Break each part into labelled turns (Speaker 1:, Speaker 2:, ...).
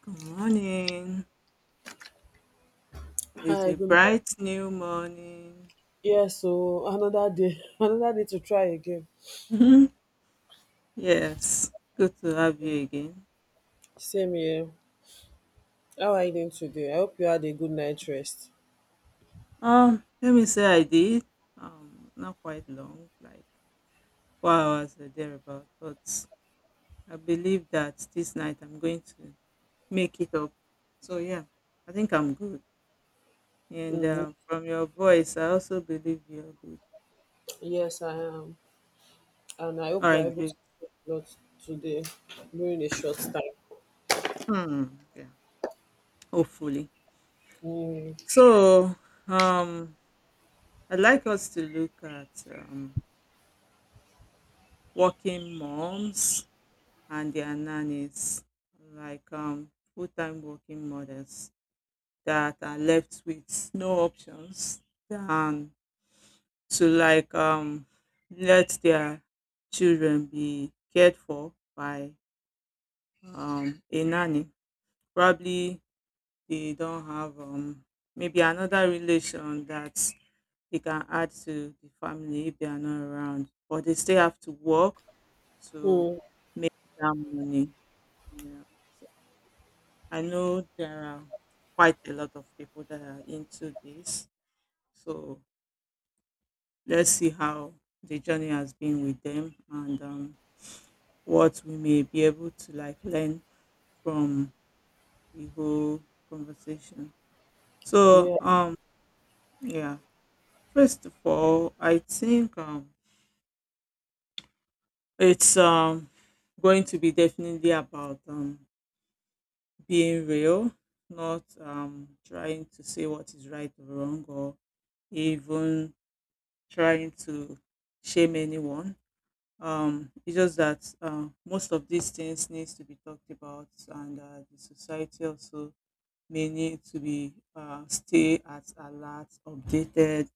Speaker 1: Good morning. It's
Speaker 2: Hi,
Speaker 1: a
Speaker 2: good morning.
Speaker 1: bright new morning.
Speaker 2: Yes, so another day, another day to try again.
Speaker 1: Yes, good to have you again.
Speaker 2: Same here. How are you doing today? I hope you had a good night rest.
Speaker 1: Let me say I did. Not quite long, like 4 hours or thereabout. But I believe that this night I'm going to make it up. So yeah, I think I'm good. And
Speaker 2: Mm,
Speaker 1: from your voice, I also believe you're good.
Speaker 2: yes, I am. And I
Speaker 1: All
Speaker 2: hope we're
Speaker 1: right,
Speaker 2: able to
Speaker 1: great.
Speaker 2: do a lot today during a short time.
Speaker 1: Yeah, hopefully.
Speaker 2: Mm,
Speaker 1: So um, I'd like us to look at working moms and their nannies, like full time working mothers that are left with no options than to let their children be cared for by a nanny. Probably they don't have maybe another relation that they can add to the family if they are not around, but they still have to work to
Speaker 2: mm,
Speaker 1: make that money. Yeah. So I know there are quite a lot of people that are into this. So let's see how the journey has been with them and what we may be able to like learn from the whole conversation. So
Speaker 2: yeah.
Speaker 1: um yeah, first of all, I think it's going to be definitely about being real, not trying to say what is right or wrong or even trying to shame anyone. It's just that most of these things needs to be talked about, and the society also may need to be stay at alert, updated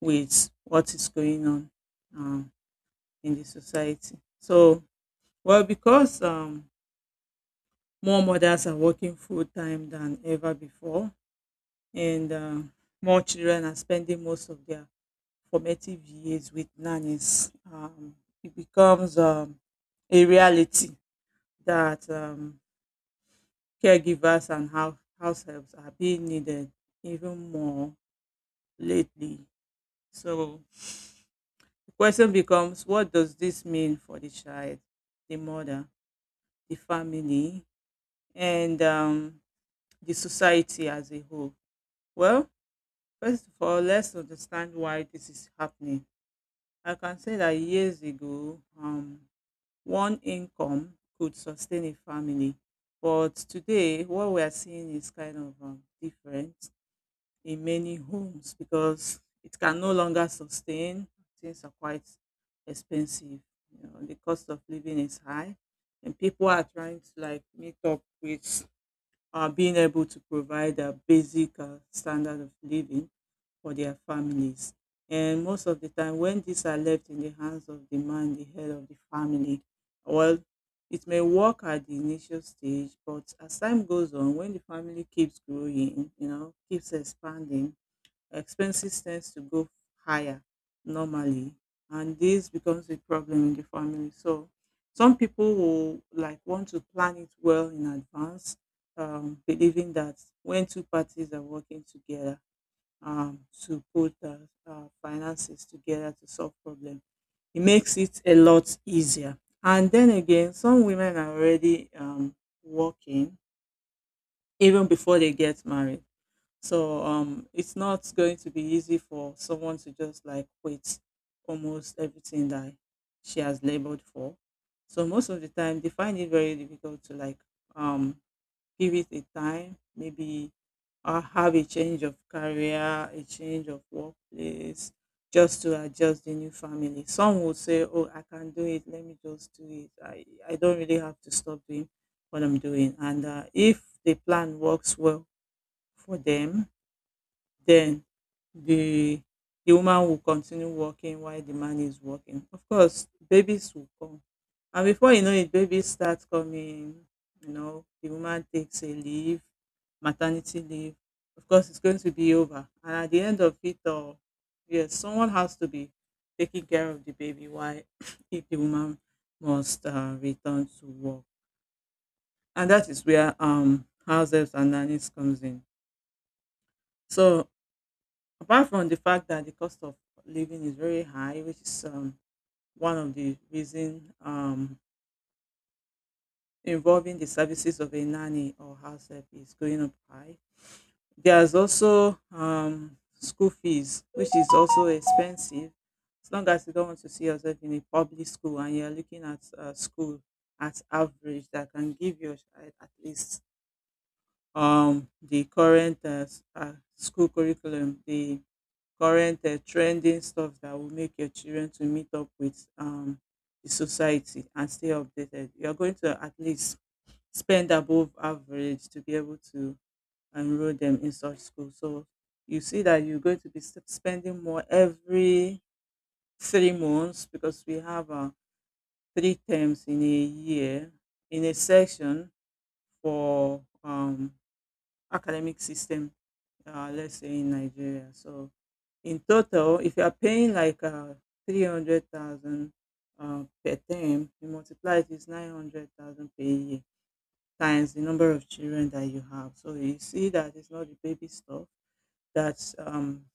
Speaker 1: with what is going on um, in the society. So, well, because more mothers are working full time than ever before, and more children are spending most of their formative years with nannies. It becomes a reality that caregivers and house helps are being needed even more lately. So the question becomes, what does this mean for the child, the mother, the family, and the society as a whole? Well, first of all, let's understand why this is happening. I can say that years ago, one income could sustain a family. But today, what we are seeing is kind of different in many homes because it can no longer sustain. Things are quite expensive. You know, the cost of living is high, and people are trying to like meet up with being able to provide a basic standard of living for their families. And most of the time, when these are left in the hands of the man, the head of the family, well, it may work at the initial stage, but as time goes on, when the family keeps growing, you know, keeps expanding, expenses tends to go higher normally, and this becomes a problem in the family. So some people will like want to plan it well in advance, believing that when two parties are working together um, to put finances together to solve problems, it makes it a lot easier. And then again, some women are already working even before they get married. So it's not going to be easy for someone to just like quit almost everything that she has labored for. So most of the time, they find it very difficult to um, give it a time, maybe have a change of career, a change of workplace, just to adjust the new family. Some will say, "Oh, I can do it. Let me just do it. I don't really have to stop doing what I'm doing." And if the plan works well for them, then the the woman will continue working while the man is working. Of course, babies will come. And before you know it, babies start coming. You know, the woman takes a leave, maternity leave. Of course, it's going to be over. And at the end of it all, yes, someone has to be taking care of the baby while if the woman must return to work. And that is where house helps and nannies comes in. So apart from the fact that the cost of living is very high, which is one of the reason involving the services of a nanny or house help is going up high. There's also school fees, which is also expensive. As long as you don't want to see yourself in a public school and you're looking at a school at average that can give your child at least the current school curriculum, the current trending stuff that will make your children to meet up with the society and stay updated. You are going to at least spend above average to be able to enroll them in such school. So you see that you're going to be spending more every 3 months because we have three terms in a year in a section for academic system, let's say in Nigeria. So in total, if you are paying like 300,000 per term, you multiply it is 900,000 per year times the number of children that you have. So you see that it's not the baby stuff, that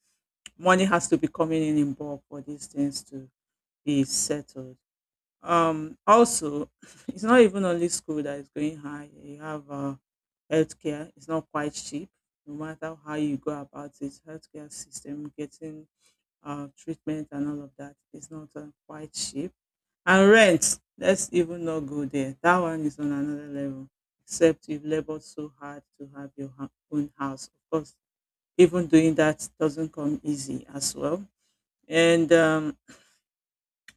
Speaker 1: money has to be coming in bulk for these things to be settled. Also, it's not even only school that is going high. You have healthcare. It's not quite cheap. No matter how you go about it, healthcare system getting treatment and all of that is not quite cheap. And rent, let's even not go there. That one is on another level. Except you've labored so hard to have your own house. Of course, even doing that doesn't come easy as well. And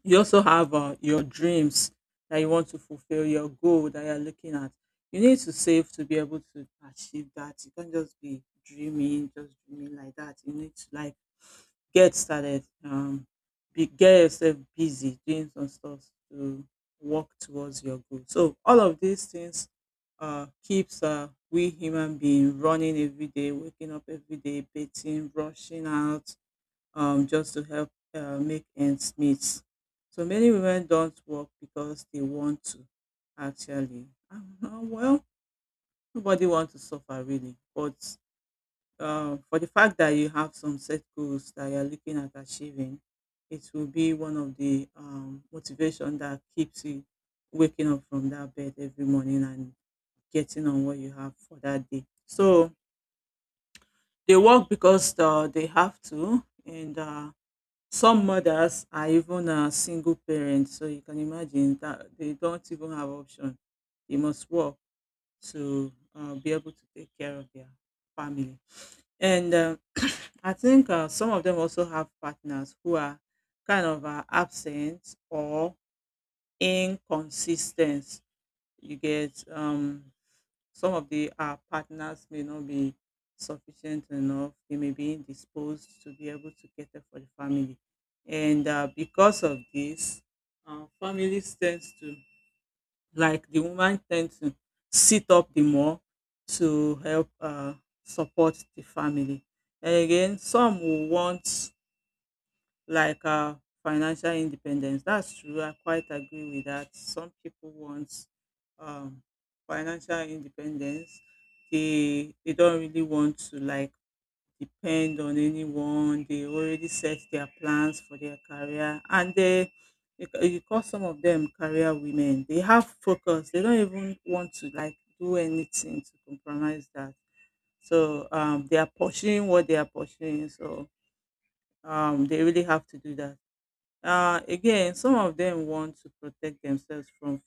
Speaker 1: you also have your dreams that you want to fulfill, your goal that you're looking at. You need to save to be able to achieve that. You can't just be dreaming, just dreaming like that. You need to like get started, get yourself busy doing some stuff to work towards your goal. So all of these things keeps we human being running every day, waking up every day, bathing, rushing out, just to help make ends meet. So many women don't work because they want to, actually. Well, nobody wants to suffer, really. But for the fact that you have some set goals that you're looking at achieving, it will be one of the motivation that keeps you waking up from that bed every morning and getting on what you have for that day. So they work because they have to, and some mothers are even single parents, so you can imagine that they don't even have option. They must work to be able to take care of their family. And I think some of them also have partners who are kind of absent or inconsistent. You get some of the our partners may not be sufficient enough. They may be indisposed to be able to cater for the family. And because of this, families tends to, like the woman tends to sit up the more to help support the family. And again, some will want like financial independence. That's true. I quite agree with that. Some people want um, financial independence. They don't really want to like depend on anyone. They already set their plans for their career, and they you call some of them career women. They have focus. They don't even want to like do anything to compromise that. So they are pursuing what they are pursuing. So they really have to do that. Again, some of them want to protect themselves from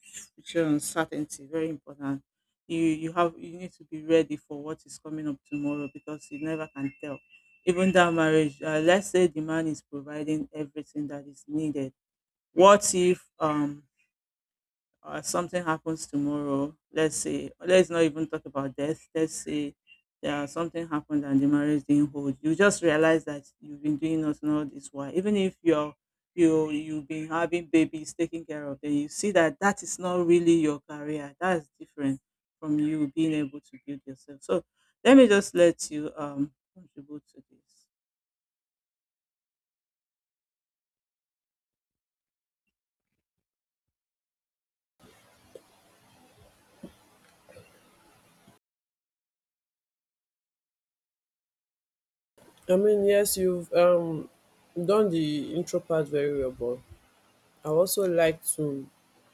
Speaker 1: future uncertainty. Very important. You need to be ready for what is coming up tomorrow because you never can tell. Even that marriage, let's say the man is providing everything that is needed. What if or something happens tomorrow, let's say, let's not even talk about death. Let's say there something happened and the marriage didn't hold. You just realize that you've been doing nothing all this while, even if you've been having babies taking care of, then you see that that is not really your career. That's different from you being able to build yourself. So let me just let you contribute to this.
Speaker 2: I mean, yes, you've done the intro part very well, but I also like to,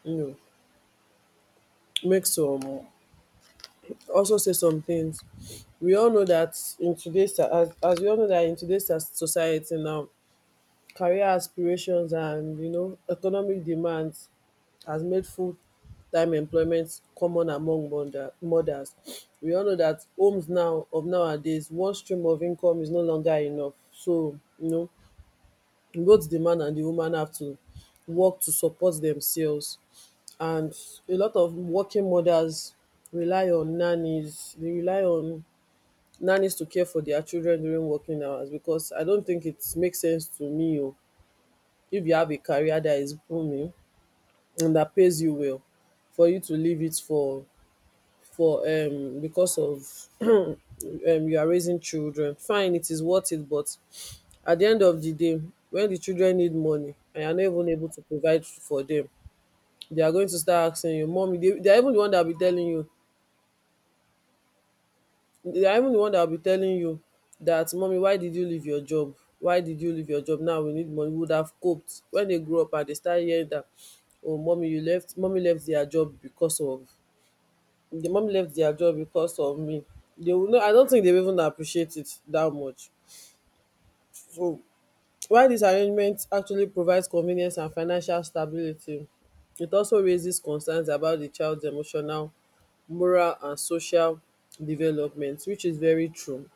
Speaker 2: you know, make some also say some things. We all know that in today's as we all know that in today's society now, career aspirations and economic demands has made full time employment common among mothers. We all know that homes now of nowadays one stream of income is no longer enough. So both the man and the woman have to work to support themselves, and a lot of working mothers rely on nannies to care for their children during working hours, because I don't think it makes sense to me. Oh, if you have a career that is booming and that pays you well, for you to leave it for because of you are raising children, fine, it is worth it, but at the end of the day, when the children need money and you are not even able to provide for them, they are going to start asking you, mommy. They are even the one that will be telling you, I'm the one that will be telling you that, mommy, why did you leave your job? Why did you leave your job? Now we need money. We would have coped. When they grow up and they start hearing that, oh mommy, you left mommy left their job because of me. They will not I don't think they will even appreciate it that much. So while this arrangement actually provides convenience and financial stability, it also raises concerns about the child's emotional, moral and social development, which is very true.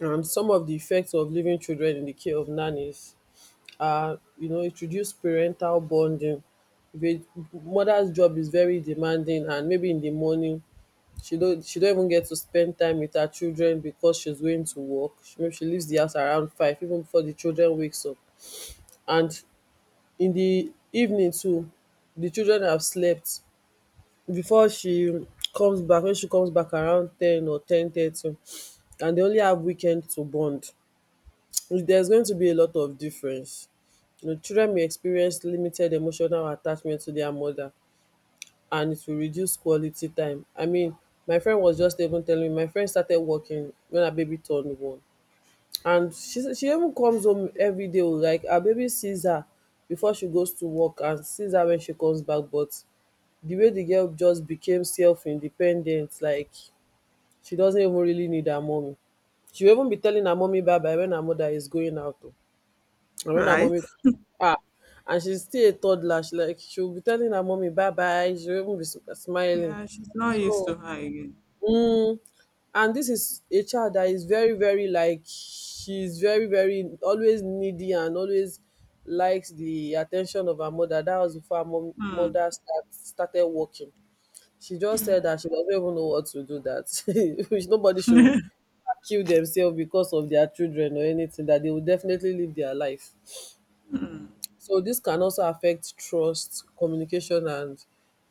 Speaker 2: And some of the effects of leaving children in the care of nannies are, it reduces parental bonding. Ve- Mother's job is very demanding, and maybe in the morning she don't even get to spend time with her children because she's going to work. Maybe she leaves the house around five, even before the children wakes up. And in the evening too, the children have slept before she comes back. When she comes back around 10 or 10:30, and they only have weekend to bond. There's going to be a lot of difference. You know, children may experience limited emotional attachment to their mother, and it will reduce quality time. I mean, my friend was just even telling me, my friend started working when her baby turned one. And she even comes home every day. Oh, like her baby sees her before she goes to work, and sees her when she comes back. But the way the girl just became self independent, like she doesn't even really need her mommy. She will even be telling her mommy bye bye when her mother is going out. Oh. And when her
Speaker 1: Right?
Speaker 2: mommy, ah and she's still a toddler, she, like, she'll be telling her mommy bye bye, she will even be smiling.
Speaker 1: Yeah, she's not used
Speaker 2: So
Speaker 1: to her again.
Speaker 2: mm, and this is a child that is very, very, like, she's very, very always needy and always likes the attention of her mother. That was before her mom,
Speaker 1: Hmm.
Speaker 2: mother started working. She just said that she doesn't even know what to do that. Which, nobody should kill themselves because of their children or anything, that they will definitely live their life.
Speaker 1: Hmm.
Speaker 2: So this can also affect trust, communication and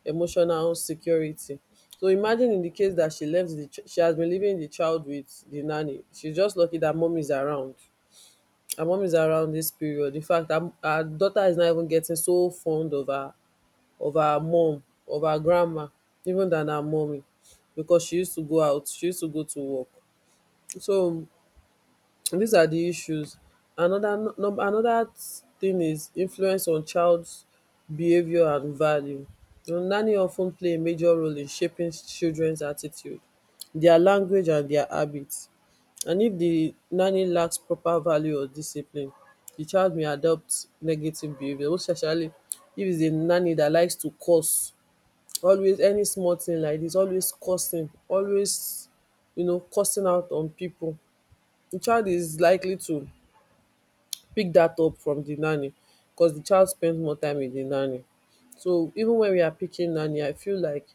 Speaker 2: emotional security. So imagine, in the case that she has been leaving the child with the nanny. She's just lucky that mom is around. Her mom is around this period. In fact, her daughter is not even getting so fond of her, of her mom, of her grandma, even than her mommy, because she used to go out, she used to go to work. So So, these are the issues. Another thing is influence on child's behavior and value. You know, nanny of ten play a major role in shaping children's attitude, their language and their habits. And if the nanny lacks proper value or discipline, the child may adopt negative behavior. Most especially if it's a nanny that likes to curse, always any small thing like this, always cursing, always cursing out on people. The child is likely to pick that up from the nanny, because the child spends more time with the nanny. So even when we are picking nanny, I feel like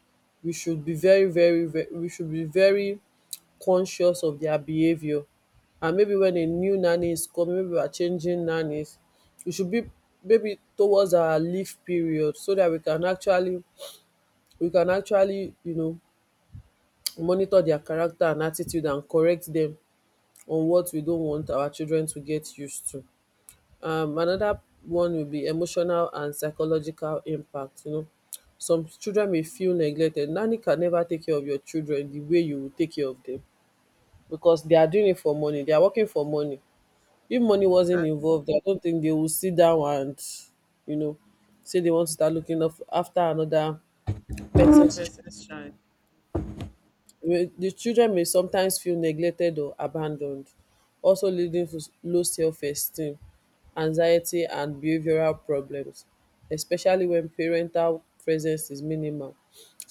Speaker 2: we should be very, very, very, we should be very conscious of their behavior. And maybe when a new nanny is coming, maybe we are changing nannies, we should be, maybe, towards our leave period, so that we can actually, we can actually, you know, monitor their character and attitude and correct them on what we don't want our children to get used to. Another one will be emotional and psychological impact. Some children may feel neglected. Nanny can never take care of your children the way you will take care of them, because they are doing it for money, they are working for money. If money wasn't
Speaker 1: Exactly.
Speaker 2: involved, I don't think they will sit down and you know say they want to start looking up after another person's.
Speaker 1: Yes, that's right.
Speaker 2: The children may sometimes feel neglected or abandoned, also leading to low self esteem, anxiety, and behavioral problems, especially when parental presence is minimal.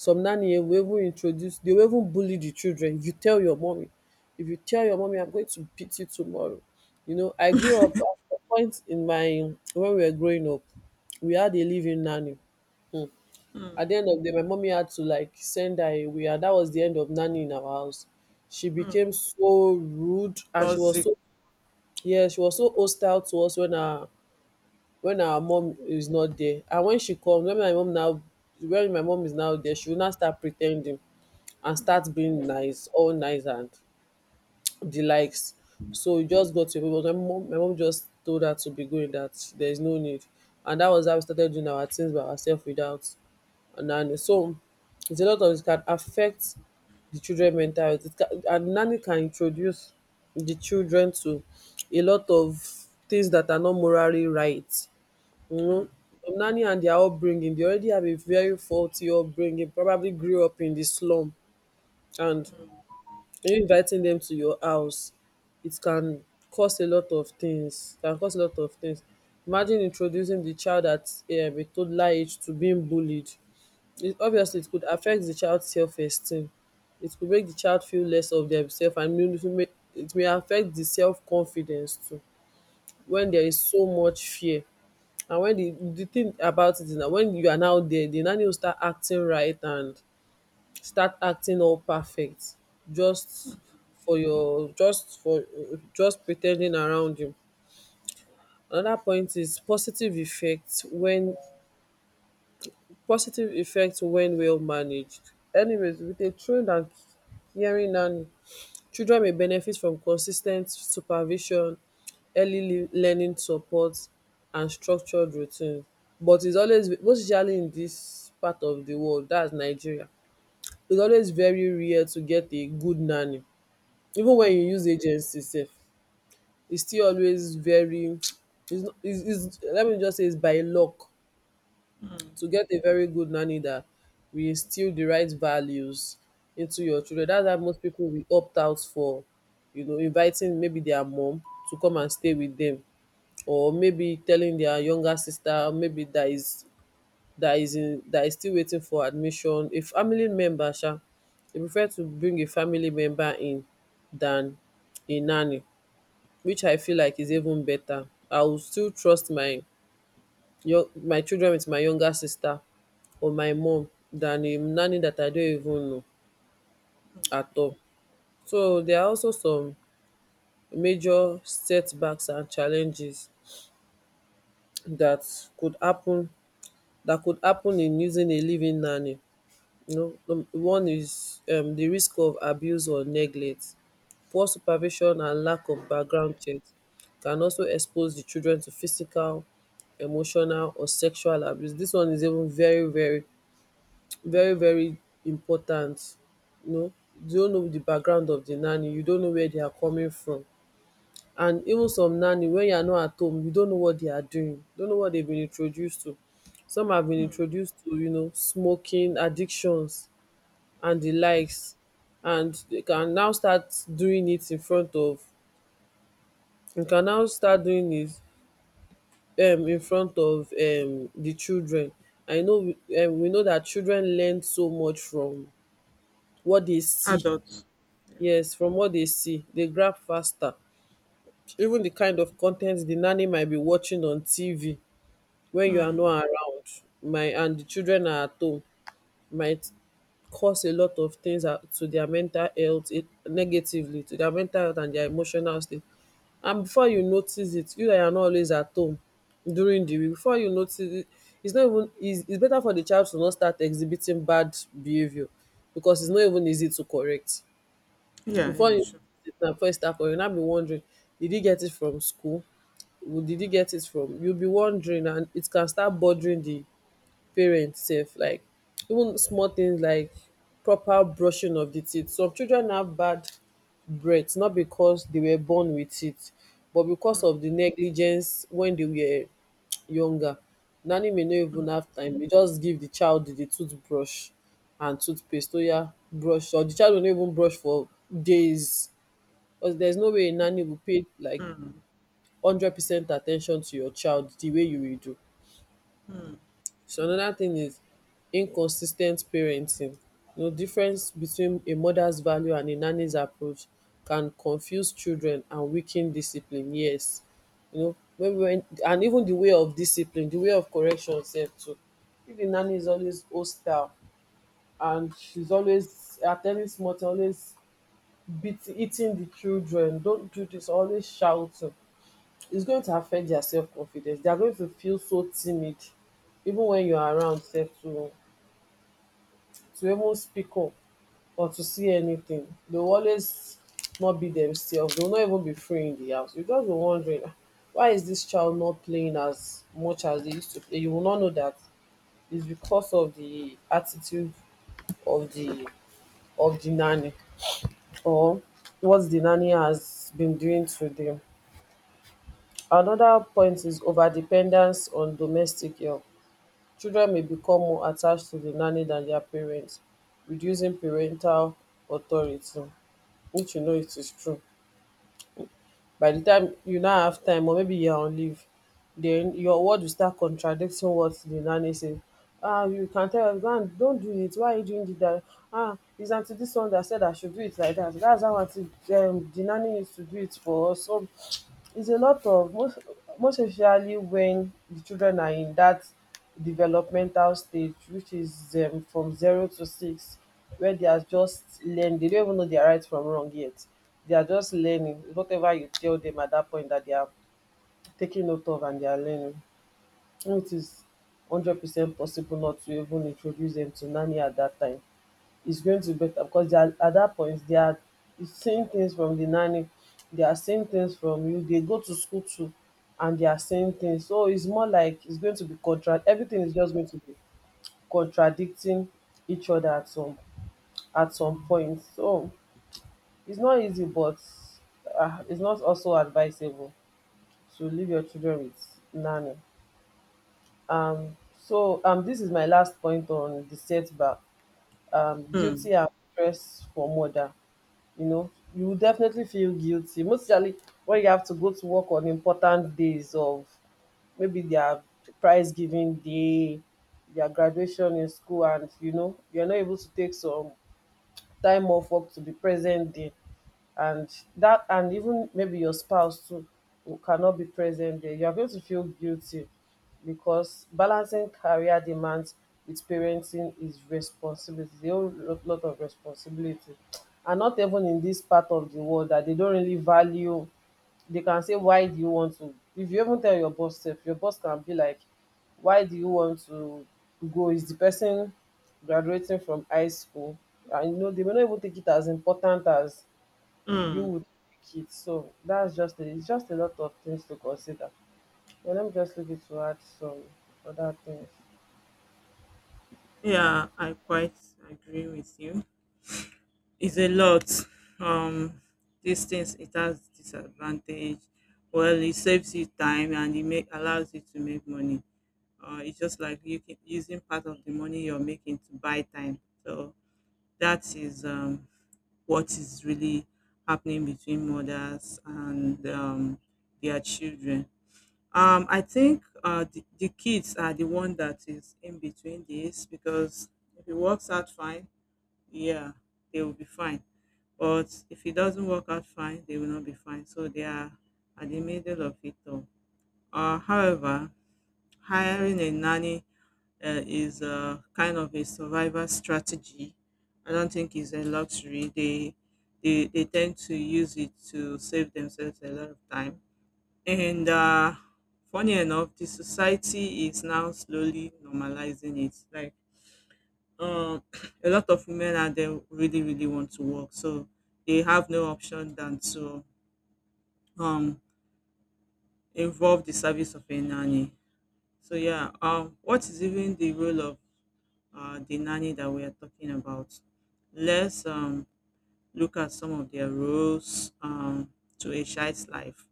Speaker 2: Some nanny will even introduce, they will even bully the children. You tell your mommy, if you tell your mommy, I'm going to beat you tomorrow. You know, I grew up at a point when we were growing up, we had a living nanny. Hmm.
Speaker 1: Hmm.
Speaker 2: At the end of the day, my mommy had to, like, send her away, and that was the end of nanny in our house. She
Speaker 1: Mm.
Speaker 2: became so rude, and she was
Speaker 1: Toxic.
Speaker 2: so... Yeah, she was so hostile to us when our mom is not there, and when she comes, when my mom is now there, she will now start pretending and
Speaker 1: Mm,
Speaker 2: start being nice, all nice and the likes. So we just got to a point, but my mom just told her to be going, that there is no need. And that was how we started doing our things by ourselves, without. And so it's a lot of, it can affect the children mental health, it can. And nanny can introduce the children to a lot of things that are not morally right you
Speaker 1: mm,
Speaker 2: know some nanny and their upbringing, they already have a very faulty upbringing, probably grew up in the slum. And
Speaker 1: mm,
Speaker 2: when you inviting dem to your house, it can cause a lot of things, can cause a lot of things. Imagine introducing the child at a toddler age to being bullied, it obviously, it
Speaker 1: mm,
Speaker 2: could affect the child self esteem. It could make the child feel less of themself, and may even make it may affect the self confidence too, when there is so much fear. And when the thing about it is, na, when you are now there, they now need to start acting right and start acting all perfect, just for your just for just pretending around you. Another point is positive effects when, well managed. Anyways, with a trained and caring nanny, children may benefit from consistent supervision, early learning support and structured routine. But it's always, most especially in this part of the world, that's Nigeria, it's always very rare to get a good nanny. Even when you use agency sef, it's still always very it's no it's it's let me just say, it's by luck
Speaker 1: mm, mm,
Speaker 2: to get a very good nanny that will instill the right values into your children. That's why most pipu will opt out for, inviting maybe their mum to come and stay with them, or maybe telling their younger sister, maybe that is still waiting for admission, a family member sha. They prefer to bring a family member in than a nanny, which I feel like is even better. I would still trust my children wit my younger sister or my mum than a nanny dat I don't even know
Speaker 1: mm.
Speaker 2: at all. So there are also some major setbacks and challenges dat could happen dat could happen in using a live-in nanny. You know, the one is, the risk of abuse or neglect. Poor supervision and lack of background check can also expose the children to physical, emotional, or sexual abuse. This one is even very, very, very, very important. You know, you don't know the background of the nanny, you don't know where they are coming from. And even some nanny, when you are not at home, you don't know what they are doing, you don't know what they've been introduced to. Some have been introduced to, you know, smoking addictions and di likes and you can now start doing it in front of you can now start doing it in front of di children. I know we know dat children learn so much from what dey see.
Speaker 1: Adults. Yeah.
Speaker 2: Yes, from what dey see dey grab faster, even di kind of con ten t di nanny might be watching on TV wen you are
Speaker 1: Mm.
Speaker 2: not around my and di children are at home. Might cause a lot of things to dia mental health, it, negatively to dia mental health and dia emotional state. And before you notice it, you that you are not always at home during the week, before you notice it, its not even its it's better for the child to not start exhibiting bad behaviour because its not even easy to correct.
Speaker 1: Yeah,
Speaker 2: Before
Speaker 1: yeah,
Speaker 2: you notice
Speaker 1: sure.
Speaker 2: it, na before e start, you now be wondering, did he get it from school? Did he get it from? You be wondering, and it can start bothering the parents sef, like even small things like proper brushing of the teeth. Some children have bad breath not because they were born with it but because
Speaker 1: Mm,
Speaker 2: of the negligence when they were younger. Nanny may not even
Speaker 1: mm,
Speaker 2: have time, dey just give the child the toothbrush and toothpaste. Oh yeah, brush, or the child will not even brush for days, cos there's no way a nanny will pay like
Speaker 1: mm,
Speaker 2: 100% attention to your child the way you will do.
Speaker 1: mm,
Speaker 2: So another thing is inconsistent ten t parenting. The difference between a mother's value and a nanny's approach can confuse children and weaken discipline, yes. You know, maybe when, and even the way of discipline, the way of correction sef too. If the nanny is always hostile and she's always at ten ding small thing, always beat hitting the children, don't do this, always shouting, it's going to affect their self confidence. They are going to feel so timid, even when you are around sef too, to even speak up or to see anything. They will always not be themselves. They will not even be free in the house. You just be wondering, "Ah, why is this child not playing as much as they used to play?" You will not know that it's because of the attitude of the nanny, or what the nanny has been doing to them. Another point is overdependence on domestic help. Children may become more attached to the nanny than their parents, reducing parental authority, which you know it is true. By the time you now have time, or maybe you are on leave, then your word will start contradicting what the nanny say. Ah, you can tell your husband, ah, don't do it, why are you doing dat? Ah, it's until this one that said I should do it like that. That's how aunty, the nanny, needs to do it for us. So it's a lot of, most most especially when the children are in that developmental stage, which is from zero to six, where they are just learning, they don't even know their right from wrong yet, they are just learning. It's whatever you tell them at that point that they are taking note of and they are learning. And it is 100% possible not to even introduce them to nanny. At that time is going to be better, because they are at that point, they are seeing things from the nanny, they are seeing things from you. They go to school too, and they are seeing things. So it's more like it's going to be contra. Everything is just going to be contradicting each other at some point. So it's not easy, but it's not also advisable to leave your children with nanny. So this is my last point on the setback.
Speaker 1: mm,
Speaker 2: Guilty and stress for mother. You know, you will definitely feel guilty, mostly when you have to go to work on important days of maybe their prize giving day, their graduation in school, and you know you're not able to take some time off work to be present there. And that, and even maybe your spouse too, who cannot be present there, you are going to feel guilty, because balancing career demands with parenting is responsibility, a whole lot of responsibility. And not even in this part of the world that they don't really value, they can say, why do you want to? If you even tell your boss sef, your boss can be like, why do you want to go? Is the person graduating from high school? And you know, they may not even take it as important as you
Speaker 1: mm.
Speaker 2: would like it. So that's just a, it's just a lot of things to consider. But let me just leave it to add some other things.
Speaker 1: Yeah, I quite agree with you. It's a lot. Um, these things it has disadvantage. Well, it saves you time and it make allows you to make money. It's just like you can, using part of the money you're making to buy time. So that is what is really happening between mothers and their children. I think the kids are the one that is in between this because if it works out fine, yeah, they will be fine. But if it doesn't work out fine, they will not be fine. So they are at the middle of it all. However, hiring a nanny is a kind of a survival strategy. I don't think it's a luxury. They tend to use it to save themselves a lot of time. And funny enough, the society is now slowly normalizing it. Like um, a lot of women out there really really want to work, so they have no option than to um, involve the service of a nanny. So yeah, what is even the role of the nanny that we are talking about. Let's look at some of their roles to a child's life.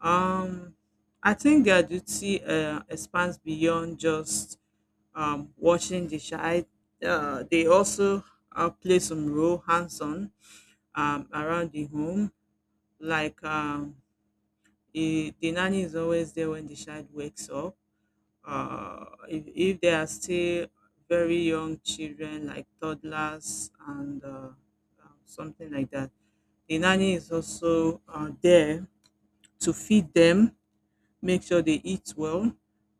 Speaker 1: Um, I think their duty expands beyond just watching the child. They also play some role hands-on around the home, like the nanny is always there when the child wakes up if they are still very young children like toddlers and something like that the nanny is also there to feed them make sure they eat well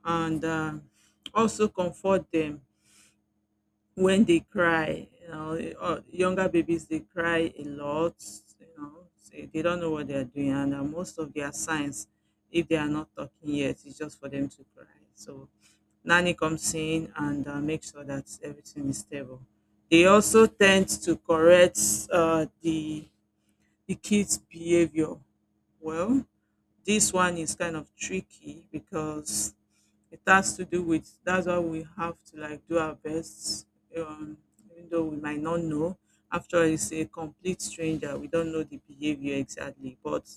Speaker 1: and also comfort them when they cry, you know, younger babies they cry a lot, you know, say they don't know what they are doing, and most of their signs if they are not talking yet it's just for them to cry, so nanny comes in and makes sure that everything is stable. They also tend to correct uh, the the kids' behavior. Well, this one is kind of tricky because it has to do with that's why we have to like do our best, um, even though we might not know. After all, it's a complete stranger. We don't know the behavior exactly, but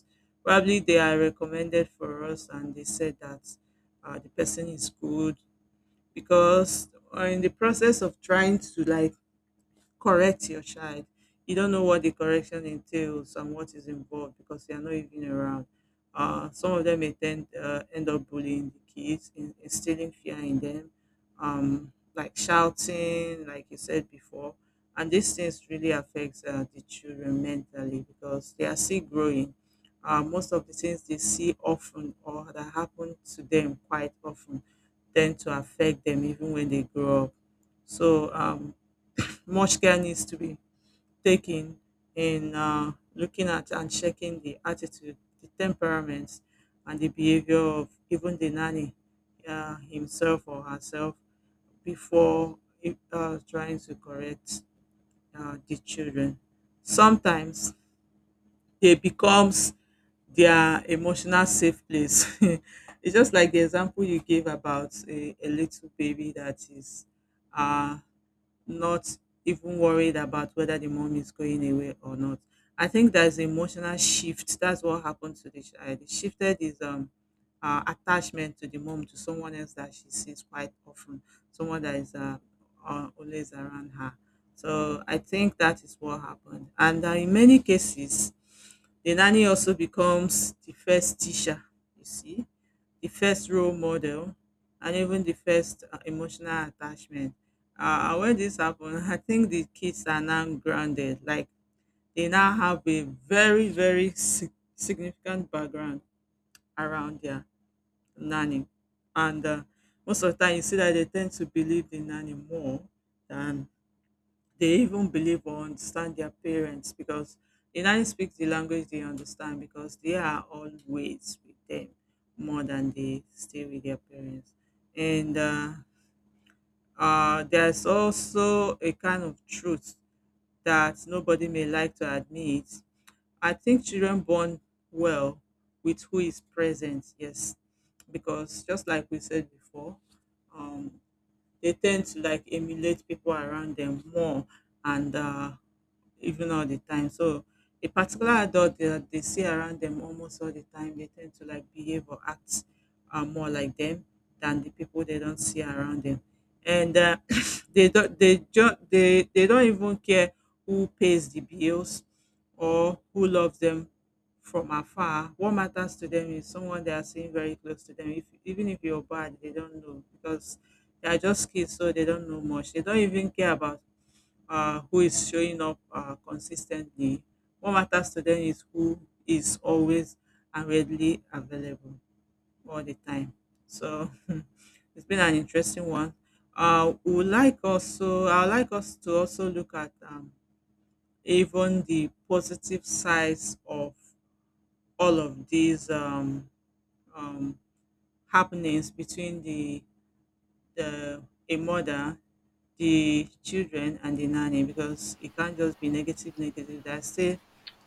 Speaker 1: probably they are recommended for us, and they said that the person is good because in the process of trying to like correct your child. You don't know what the correction entails and what is involved because they are not even around. Some of them may end up bullying the kids, instilling fear in them, like shouting, like you said before. And these things really affects the children mentally because they are still growing. Most of the things they see often or that happen to them quite often tend to affect them even when they grow up. So much care needs to be taken in looking at and checking the attitude, the temperaments, and the behavior of even the nanny himself or herself before trying to correct the children. Sometimes they becomes their emotional safe place. It's just like the example you gave about a little baby that is uh, not even worried about whether the mom is going away or not. I think there's emotional shift. That's what happened to the child. He shifted his attachment to the mom to someone else that she sees quite often, someone that is always around her. So I think that is what happened. And in many cases, the nanny also becomes the first teacher, you see, the first role model, and even the first emotional attachment. When this happened, I think the kids are now grounded. Like they now have a very, very significant background around their nanny. And most of the time, you see that they tend to believe the nanny more than they even believe or understand their parents because the nanny speaks the language they understand because they are always with them more than they stay with their parents. And there's also a kind of truth that nobody may like to admit. I think children bond well with who is present, yes, because just like we said before, um, they tend to like emulate people around them more and even all the time. So a particular adult that they see around them almost all the time, they tend to like behave or act more like them than the people they don't see around them. And they don't even care who pays the bills or who loves them from afar. What matters to them is someone they are seeing very close to them. If even if you're bad, they don't know because they are just kids, so they don't know much. They don't even care about who is showing up consistently. What matters to them is who is always and readily available all the time. So it's been an interesting one. We would like also, I would like us to also look at even the positive sides of all of these um, happenings between the a mother the children and the nanny because it can't just be negative, negative. There are still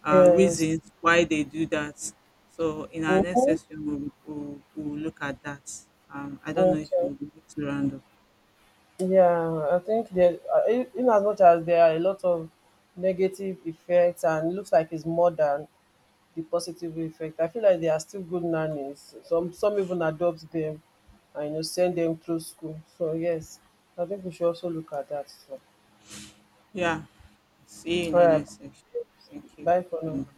Speaker 2: Yes.
Speaker 1: reasons why they do that. So in our next
Speaker 2: Mm-hmm.
Speaker 1: session, we'll look at that. I don't know if
Speaker 2: Okay.
Speaker 1: you would like to round up.
Speaker 2: Yeah, I think that in as much as there are a lot of negative effects and it looks like it's more than the positive effect, I feel like they are still good nannies. Some even adopt them and you know send them through school. So yes, I think we should also look at that. So,
Speaker 1: Yeah. See you in
Speaker 2: all
Speaker 1: the
Speaker 2: right,
Speaker 1: next section. Thank you.
Speaker 2: bye for now.
Speaker 1: And bye.